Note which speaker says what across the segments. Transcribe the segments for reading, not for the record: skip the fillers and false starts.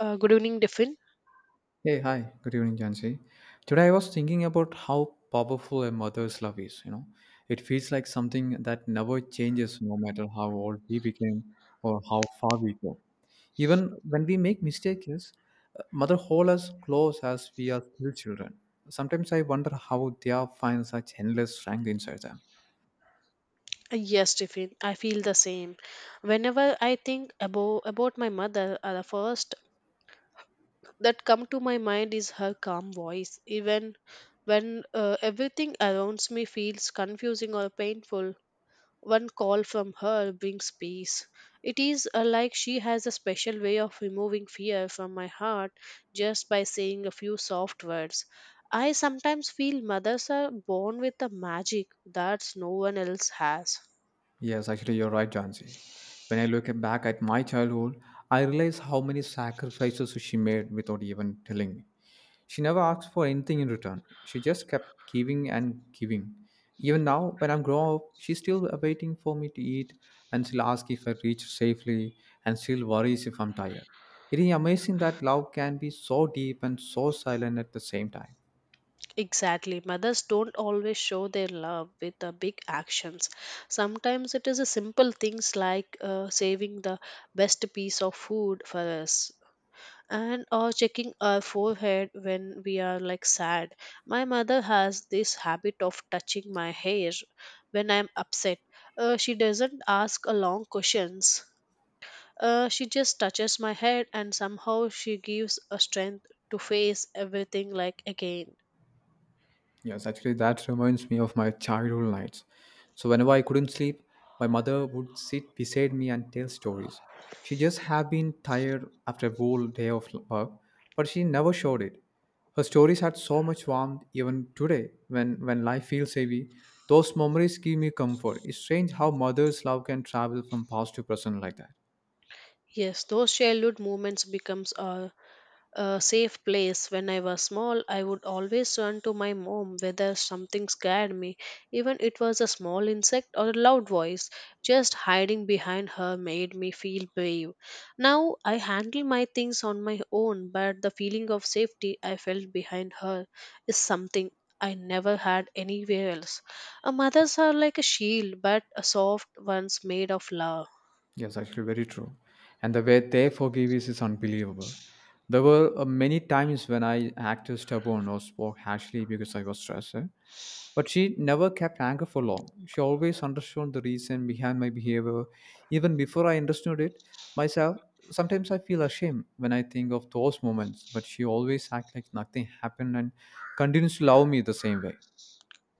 Speaker 1: Good evening, Tiffin.
Speaker 2: Hey, hi. Good evening, Jansi. Today I was thinking about how powerful a mother's love is, you know. It feels like something that never changes no matter how old we became or how far we go. Even when we make mistakes, mother holds us close as we are still children. Sometimes I wonder how they are find such endless strength inside them.
Speaker 1: Yes, Tiffin, I feel the same. Whenever I think about my mother, the first that come to my mind is her calm voice. Even when everything around me feels confusing or painful, one call from her brings peace. It is like she has a special way of removing fear from my heart just by saying a few soft words. I sometimes feel mothers are born with a magic that no one else has.
Speaker 2: Yes, actually, you're right, Jansi. When I look back at my childhood, I realize how many sacrifices she made without even telling me. She never asked for anything in return. She just kept giving and giving. Even now, when I'm grown up, she's still waiting for me to eat, and she'll ask if I reach safely, and still worries if I'm tired. It is amazing that love can be so deep and so silent at the same time.
Speaker 1: Exactly. Mothers don't always show their love with the big actions. Sometimes it is a simple things like saving the best piece of food for us and or checking our forehead when we are like sad. My mother has this habit of touching my hair when I'm upset. She doesn't ask a long questions. She just touches my head and somehow she gives a strength to face everything like again.
Speaker 2: Yes, actually, that reminds me of my childhood nights. So, whenever I couldn't sleep, my mother would sit beside me and tell stories. She just had been tired after a whole day of work, but she never showed it. Her stories had so much warmth even today when life feels heavy. Those memories give me comfort. It's strange how mother's love can travel from past to present like that.
Speaker 1: Yes, those childhood moments becomes a safe place. When I was small, I would always run to my mom whether something scared me, even it was a small insect or a loud voice. Just hiding behind her made me feel brave. Now I handle my things on my own, but the feeling of safety I felt behind her is something I never had anywhere else. A mothers are like a shield, but a soft ones made of love.
Speaker 2: Yes, actually, very true. And the way they forgive is unbelievable. There were many times when I acted stubborn or spoke harshly because I was stressed. Eh? But she never kept anger for long. She always understood the reason behind my behavior, even before I understood it myself. Sometimes I feel ashamed when I think of those moments, but she always acted like nothing happened and continues to love me the same way.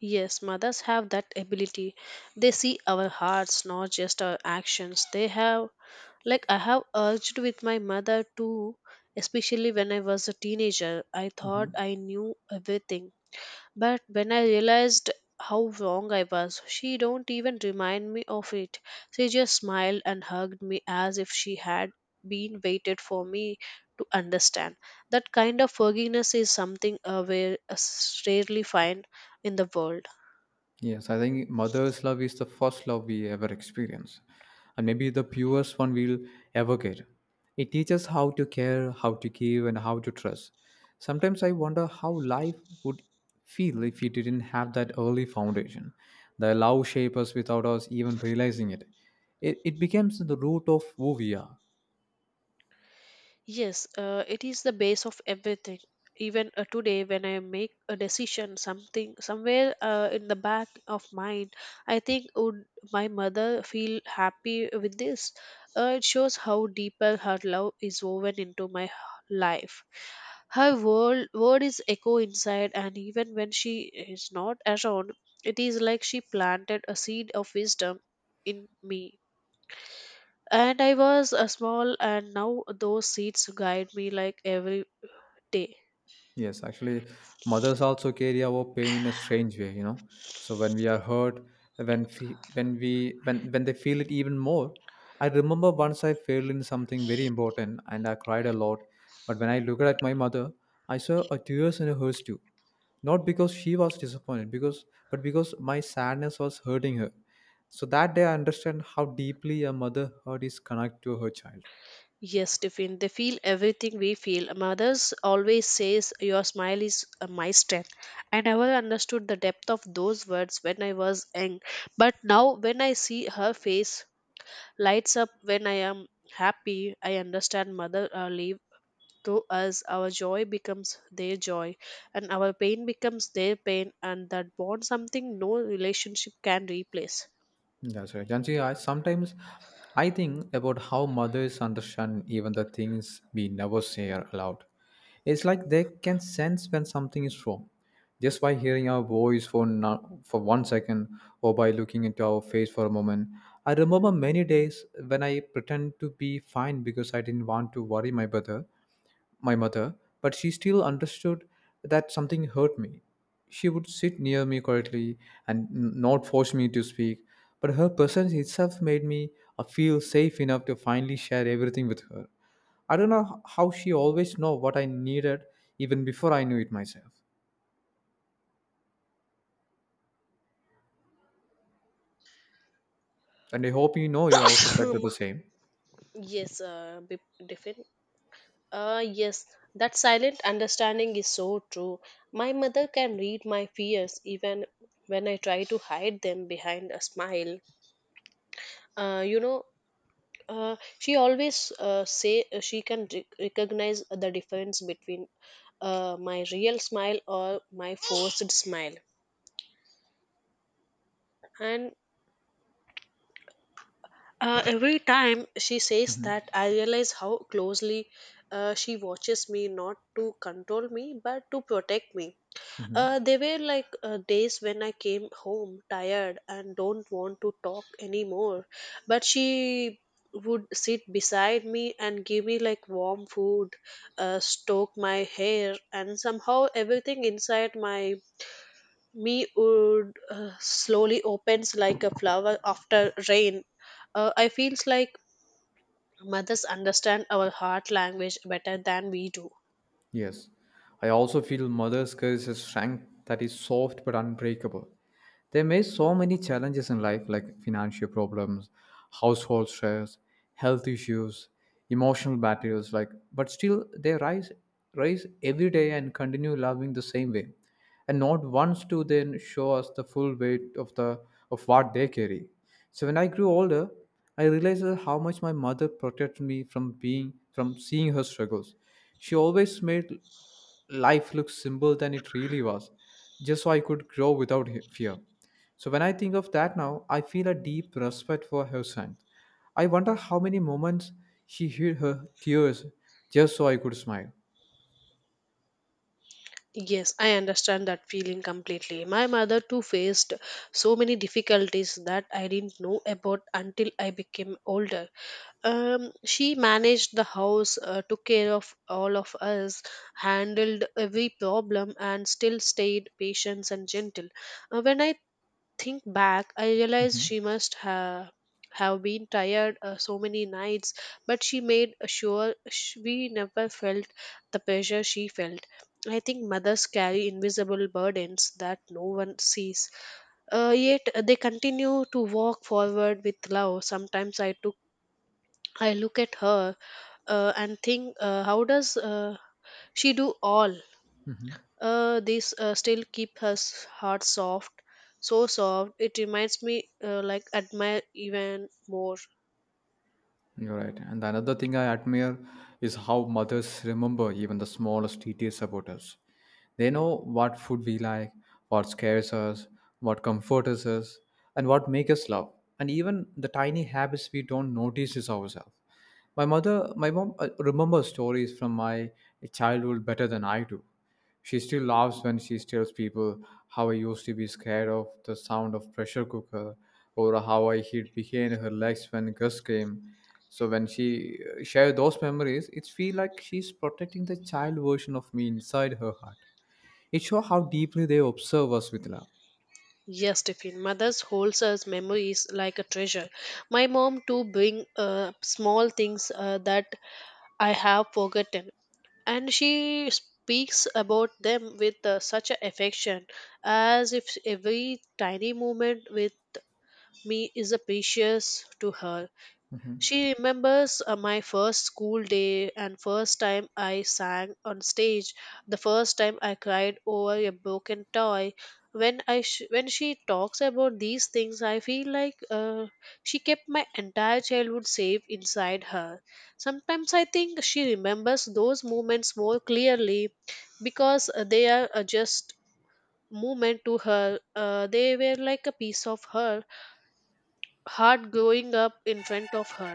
Speaker 1: Yes, mothers have that ability. They see our hearts, not just our actions. They have, like, I have urged with my mother too, especially when I was a teenager. I thought
Speaker 2: Mhm.
Speaker 1: I knew everything. But when I realized how wrong I was, she don't even remind me of it. She just smiled and hugged me as if she had been waited for me to understand. That kind of forgiveness is something we rarely find in the world.
Speaker 2: Yes, I think mother's love is the first love we ever experience, and maybe the purest one we'll ever get. It teaches how to care, how to give, and how to trust. Sometimes I wonder how life would feel if we didn't have that early foundation. The love shapes us without us even realizing it. It becomes the root of who we are.
Speaker 1: Yes, it is the base of everything. Even today, when I make a decision, something somewhere in the back of mind, I think would my mother feel happy with this? It shows how deeper her love is woven into my life. Her world word is echo inside, and even when she is not around, it is like she planted a seed of wisdom in me. And I was a small, and now those seats guide me like every day.
Speaker 2: Yes, actually, mothers also carry our pain in a strange way, you know. So when we are hurt, when fe- when we when they feel it even more. I remember once I failed in something very important and I cried a lot. But when I looked at my mother, I saw a tears in hers too. Not because she was disappointed, because but because my sadness was hurting her. So that day I understand how deeply a mother hurt is connected to her child.
Speaker 1: Yes, Tiffin, they feel everything we feel. Mothers always says your smile is my strength. I never understood the depth of those words when I was young, but now when I see her face lights up when I am happy, I understand mother leave to us. Our joy becomes their joy, and our pain becomes their pain, and that bond something no relationship can replace.
Speaker 2: That's right. And see, I sometimes I think about how mothers understand even the things we never say are aloud. It's like they can sense when something is wrong, just by hearing our voice for no, for 1 second or by looking into our face for a moment. I remember many days when I pretend to be fine because I didn't want to worry my brother, my mother, but she still understood that something hurt me. She would sit near me quietly and not force me to speak, but her presence itself made me feel safe enough to finally share everything with her. I don't know how she always know what I needed even before I knew it myself. And I hope you know you also felt
Speaker 1: Um,
Speaker 2: the same.
Speaker 1: yes, different. Yes, that silent understanding is so true. My mother can read my fears even when I try to hide them behind a smile. You know, she always say she can recognize the difference between my real smile or my forced smile, and every time she says
Speaker 2: Hmm.
Speaker 1: that, I realize how closely she watches me, not to control me, but to protect me.
Speaker 2: Hmm.
Speaker 1: There were like days when I came home tired and don't want to talk anymore, but she would sit beside me and give me like warm food, stroke my hair, and somehow everything inside my me would slowly opens like a flower after rain. I feels like mothers understand our heart language better than we do.
Speaker 2: Yes. I also feel mother's curse is strength that is soft but unbreakable. They face so many challenges in life like financial problems, household stress, health issues, emotional battles, like, but still they rise every day and continue loving the same way. And not once do they show us the full weight of the of what they carry. So when I grew older, I realized that how much my mother protected me from being from seeing her struggles. She always made life looks simple than it really was, just so I could grow without fear. So when I think of that now, I feel a deep respect for her strength. I wonder how many moments she hid her tears just so I could smile.
Speaker 1: Yes, I understand that feeling completely. My mother too faced so many difficulties that I didn't know about until I became older. She managed the house, took care of all of us, handled every problem, and still stayed patient and gentle. When I think back, I realize
Speaker 2: Mhm.
Speaker 1: she must have been tired so many nights, but she made sure we never felt the pressure she felt. I think mothers carry invisible burdens that no one sees. Yet they continue to walk forward with love. Sometimes I look at her and think, how does she do all? This still keep her heart soft, so soft. It reminds me, like admire even more.
Speaker 2: You're right. And another thing I admire is how mothers remember even the smallest details about us. They know what food we like, what scares us, what comforts us, and what makes us laugh. And even the tiny habits we don't notice is ourselves. My mom remembers stories from my childhood better than I do. She still laughs when she tells people how I used to be scared of the sound of pressure cooker, or how I hid behind her legs when Gus came. So when she shares those memories, it feels like she's protecting the child version of me inside her heart. It shows how deeply they observe us with love.
Speaker 1: Yes, Tiffin. Mothers holds us memories like a treasure. My mom too bring small things that I have forgotten, and she speaks about them with such a affection, as if every tiny moment with me is a precious to her. She remembers my first school day and first time I sang on stage, the first time I cried over a broken toy. When she talks about these things, I feel like she kept my entire childhood safe inside her. Sometimes I think she remembers those moments more clearly because they are just moment to her. They were like a piece of her heart growing up in front of her.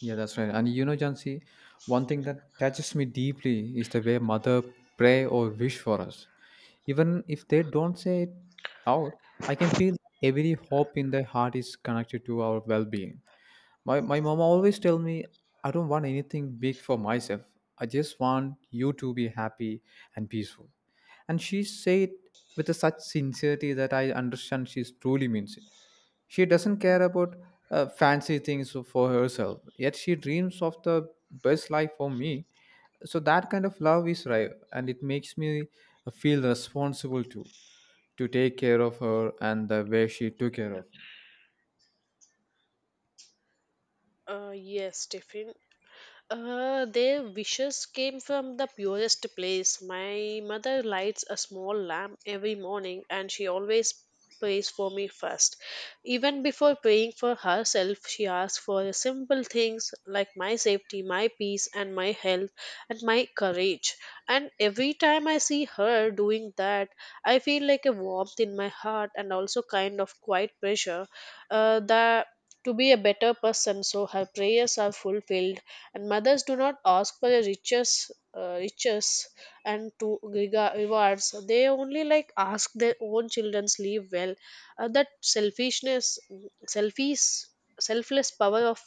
Speaker 2: Yeah, that's right. And you know, Jansi, one thing that touches me deeply is the way mother pray or wish for us. Even if they don't say it out, I can feel every hope in their heart is connected to our well-being. My mom always tell me I don't want anything big for myself. I just want you to be happy and peaceful. And she said with a such sincerity that I understand she truly means it. She doesn't care about fancy things for herself, yet she dreams of the best life for me. So that kind of love is rare, and it makes me feel responsible too, to take care of her and the way she took care of me.
Speaker 1: Yes, Tiffin. Their wishes came from the purest place. My mother lights a small lamp every morning and she always prays for me first. Even before praying for herself, she asks for simple things like my safety, my peace, and my health, and my courage. And every time I see her doing that, I feel like a warmth in my heart and also kind of quiet pressure that to be a better person so her prayers are fulfilled and mothers do not ask for the riches and to rewards they only like ask their own children's live well that selfishness selfish selfless power of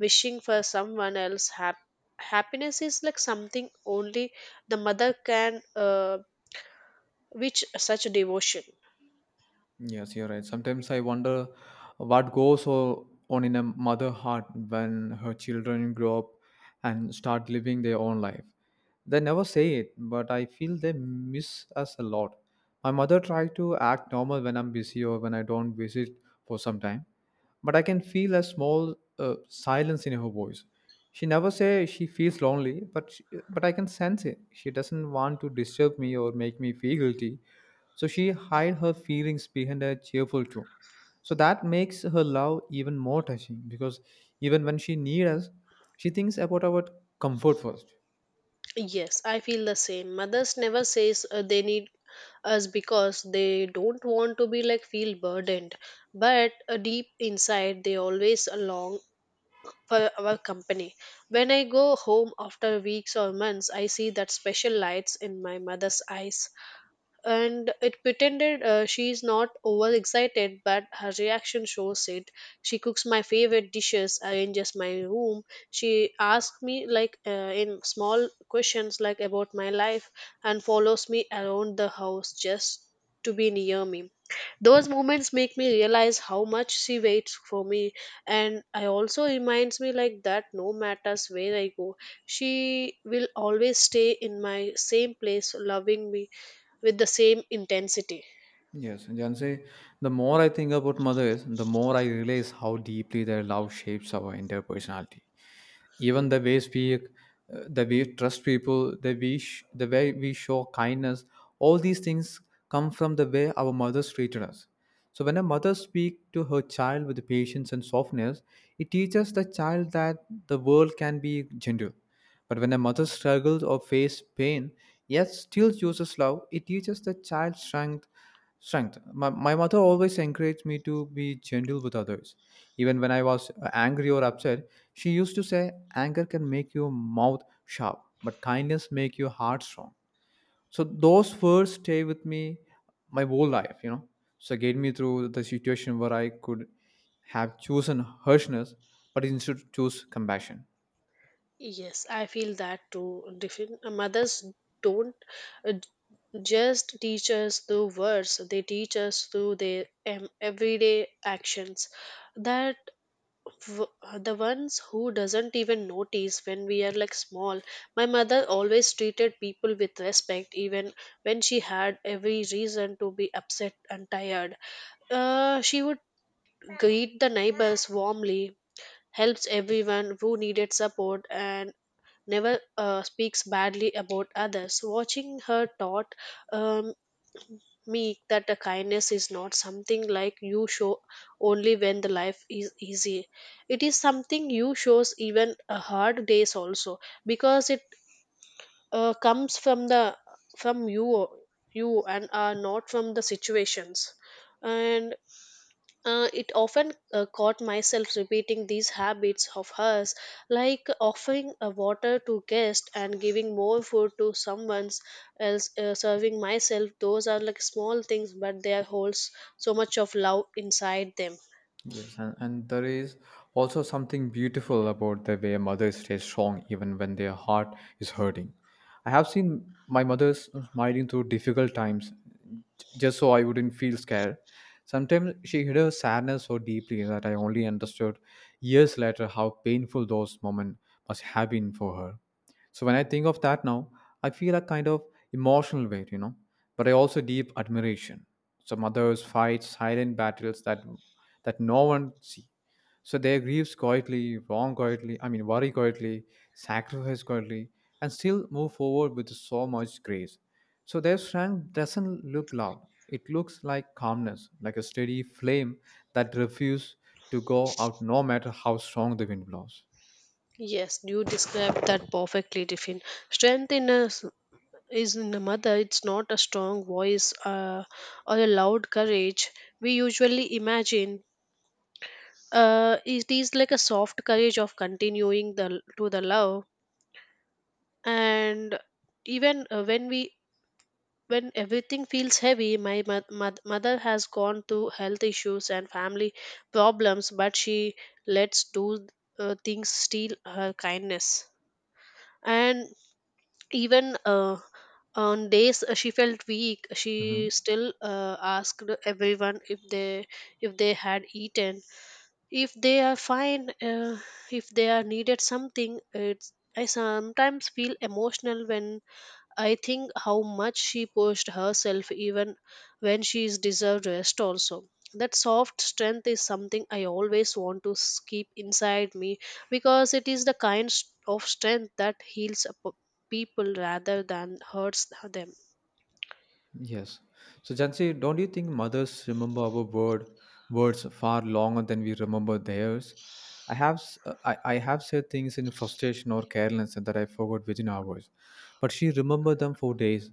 Speaker 1: wishing for someone else happiness is like something only the mother can which such devotion.
Speaker 2: Yes, you're right. Sometimes I wonder what goes on in a mother heart when her children grow up and start living their own life. They never say it, but I feel they miss us a lot. My mother tried to act normal when I'm busy or when I don't visit for some time, but I can feel a small silence in her voice. She never say she feels lonely, but I can sense it. She doesn't want to disturb me or make me feel guilty, so she hid her feelings behind a cheerful tone. So that makes her love even more touching because even when she needs us, she thinks about our comfort first.
Speaker 1: Yes, I feel the same. Mothers never says they need us because they don't want to be like feel burdened, but deep inside they always long for our company. When I go home after weeks or months, I see that special lights in my mother's eyes and it pretended she is not overexcited, but her reaction shows it. She cooks my favorite dishes, arranges my room. She asks me like in small questions like about my life, and follows me around the house just to be near me. Those moments make me realize how much she waits for me, and I also reminds me like that no matters where I go, she will always stay in my same place, loving me with the same intensity.
Speaker 2: Yes, Janse, the more I think about mothers, the more I realize how deeply their love shapes our entire personality. Even the ways we the way we trust people, the way we show kindness, all these things come from the way our mothers treated us. So when a mother speaks to her child with patience and softness, it teaches the child that the world can be gentle. But when a mother struggles or faces pain, yet still chooses love, it teaches the child strength. My mother always encouraged me to be gentle with others, even when I was angry or upset. She used to say, Anger can make your mouth sharp, but kindness make your heart strong. So those words stay with me my whole life, you know. So it get me through the situation where I could have chosen harshness, but instead choose compassion.
Speaker 1: Yes, I feel that too. Different mothers don't uh, j- just teach us through words; they teach us through their everyday actions. That the ones who doesn't even notice when we are like small. My mother always treated people with respect, even when she had every reason to be upset and tired. She would greet the neighbors warmly, helps everyone who needed support and never speaks badly about others. Watching her taught um, me that a kindness is not something like you show only when the life is easy. It is something you shows even a hard days also because it comes from the from you and are not from the situations and it often caught myself repeating these habits of hers, like offering a water to guest and giving more food to someone else, serving myself. Those are like small things, but they holds so much of love inside them.
Speaker 2: Yes, and there is also something beautiful about the way mothers stay strong even when their heart is hurting. I have seen my mother smiling through difficult times just so I wouldn't feel scared. Sometimes she hid her sadness so deeply that I only understood years later how painful those moments must have been for her. So when I think of that now, I feel a kind of emotional weight, you know, but I also deep admiration. Some others fight silent battles that no one see. So they grieves quietly, wrong quietly, I mean worry quietly, sacrifice quietly, and still move forward with so much grace. So their strength doesn't look loud. It looks like calmness, like a steady flame that refuses to go out no matter how strong the wind blows.
Speaker 1: Yes, you described that perfectly, Tiffin. Strength in a s- Is in a mother. It's not a strong voice or a loud courage we usually imagine, it is like a soft courage of continuing the love and even when everything feels heavy. Mother has gone through health issues and family problems but she lets do things steal her kindness and even on days she felt weak she
Speaker 2: Mm-hmm.
Speaker 1: still asked everyone if they had eaten, if they are fine, if they are needed something. It's I sometimes feel emotional when I think how much she pushed herself even when she is deserved rest also. That soft strength is something I always want to keep inside me because it is the kind of strength that heals a people rather than hurts them.
Speaker 2: Yes. So Jansi, don't you think mothers remember our words far longer than we remember theirs? I have I have said things in frustration or carelessness that I forgot within hours, but she remembered them for days,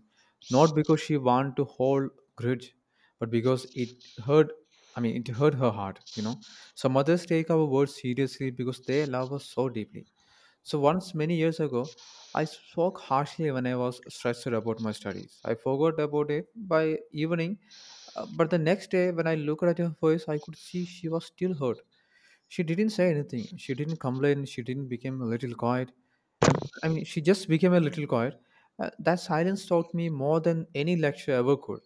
Speaker 2: not because she wanted to hold grudge, but because it hurt. I mean, it hurt her heart, you know. So mothers take our words seriously because they love us so deeply. So once many years ago, I spoke harshly when I was stressed about my studies. I forgot about it by evening, but the next day when I looked at her face, I could see she was still hurt. She didn't say anything. She didn't complain. She didn't become a little quiet. I, I mean, She just became a little quiet. That silence taught me more than any lecture ever could.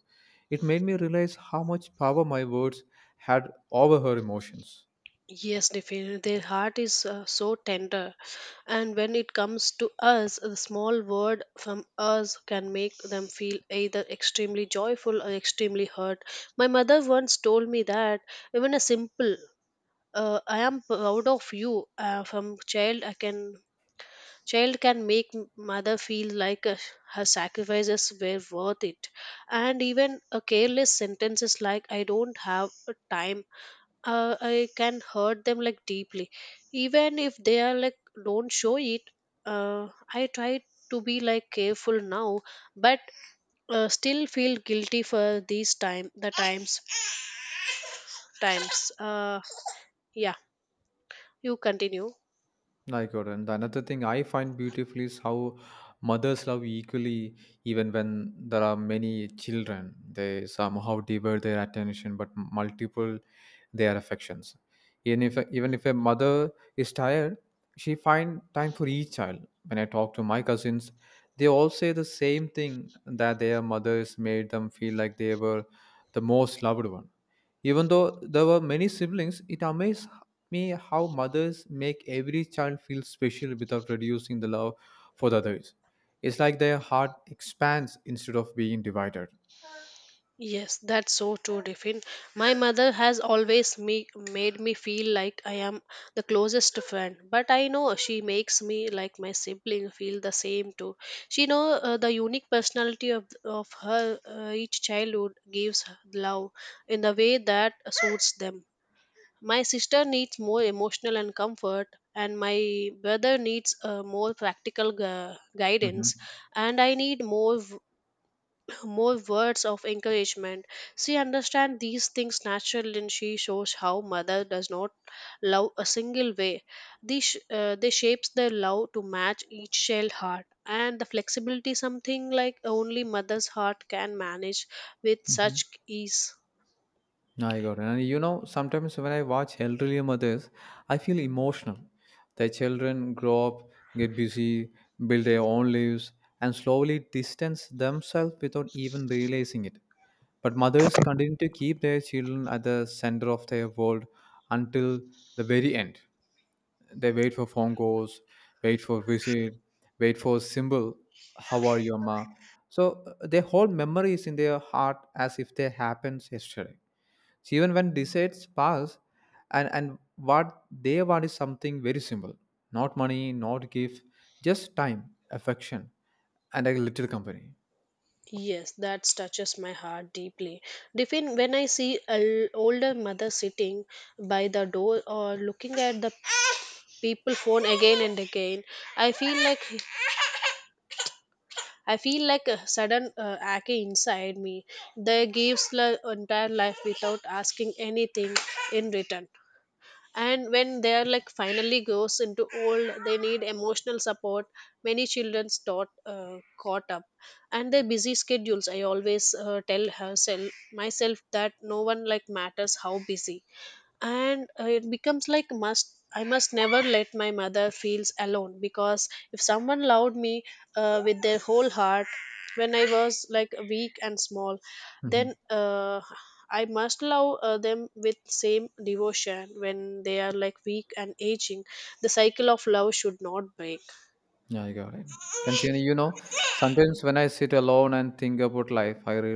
Speaker 2: It made me realize how much power my words had over her emotions.
Speaker 1: Yes definitely their heart is so tender. And when it comes to us, a small word from us can make them feel either extremely joyful or extremely hurt. My mother once told me that even a simple "I am proud of you" from child can make mother feel like her sacrifices were worth it, and even a careless sentences like "I don't have a time" I can hurt them like deeply, even if they are like don't show it. I try to be like careful now, but still feel guilty for these time the times times. Yeah, you continue.
Speaker 2: I got it. And the another thing I find beautiful is how mothers love equally, even when there are many children. They somehow divert their attention, but multiple their affections. Even if a mother is tired, she find time for each child. When I talk to my cousins, they all say the same thing, that their mothers made them feel like they were the most loved one. Even though there were many siblings, it amazed me how mothers make every child feel special without reducing the love for the others. It's like their heart expands instead of being divided.
Speaker 1: Yes, that's so true, Tiffin. My mother has always me- Made me feel like I am the closest friend, but I know she makes me like my sibling feel the same too. She know the unique personality of her each childhood gives her love in the way that suits them. My sister needs more emotional and comfort, and my brother needs more practical guidance,
Speaker 2: Mhm.
Speaker 1: and I need more words of encouragement. She understands these things naturally and she shows how mother does not love a single way. They shapes their love to match each child heart and the flexibility something like only mother's heart can manage with
Speaker 2: Mhm.
Speaker 1: such ease.
Speaker 2: No, I got it. And you know, sometimes when I watch elderly mothers, I feel emotional. Their children grow up, get busy, build their own lives, and slowly distance themselves without even realizing it. But mothers continue to keep their children at the center of their world until the very end. They wait for phone calls, wait for visit, wait for symbol, how are you, ma? So they hold memories in their heart as if they happened yesterday. So even when decides pass, and what they want is something very simple, not money, not gift, just time, affection, and a little company.
Speaker 1: Yes, that touches my heart deeply. Diffin, when I see an older mother sitting by the door or looking at the people phone again and again, I feel like I feel like a sudden ache inside me that gives the entire life without asking anything in return. And when they are like finally goes into old, they need emotional support. Many children's taught caught up, and their busy schedules. I always tell herself myself that no one like matters how busy and it becomes like must I must never let my mother feels alone because if someone loved me with their whole heart when I was like weak and small then
Speaker 2: Hmm.
Speaker 1: I must love them with same devotion when they are like weak and aging. The cycle of love should not break.
Speaker 2: Yeah, you got it. And you know, sometimes when I sit alone and think about life, I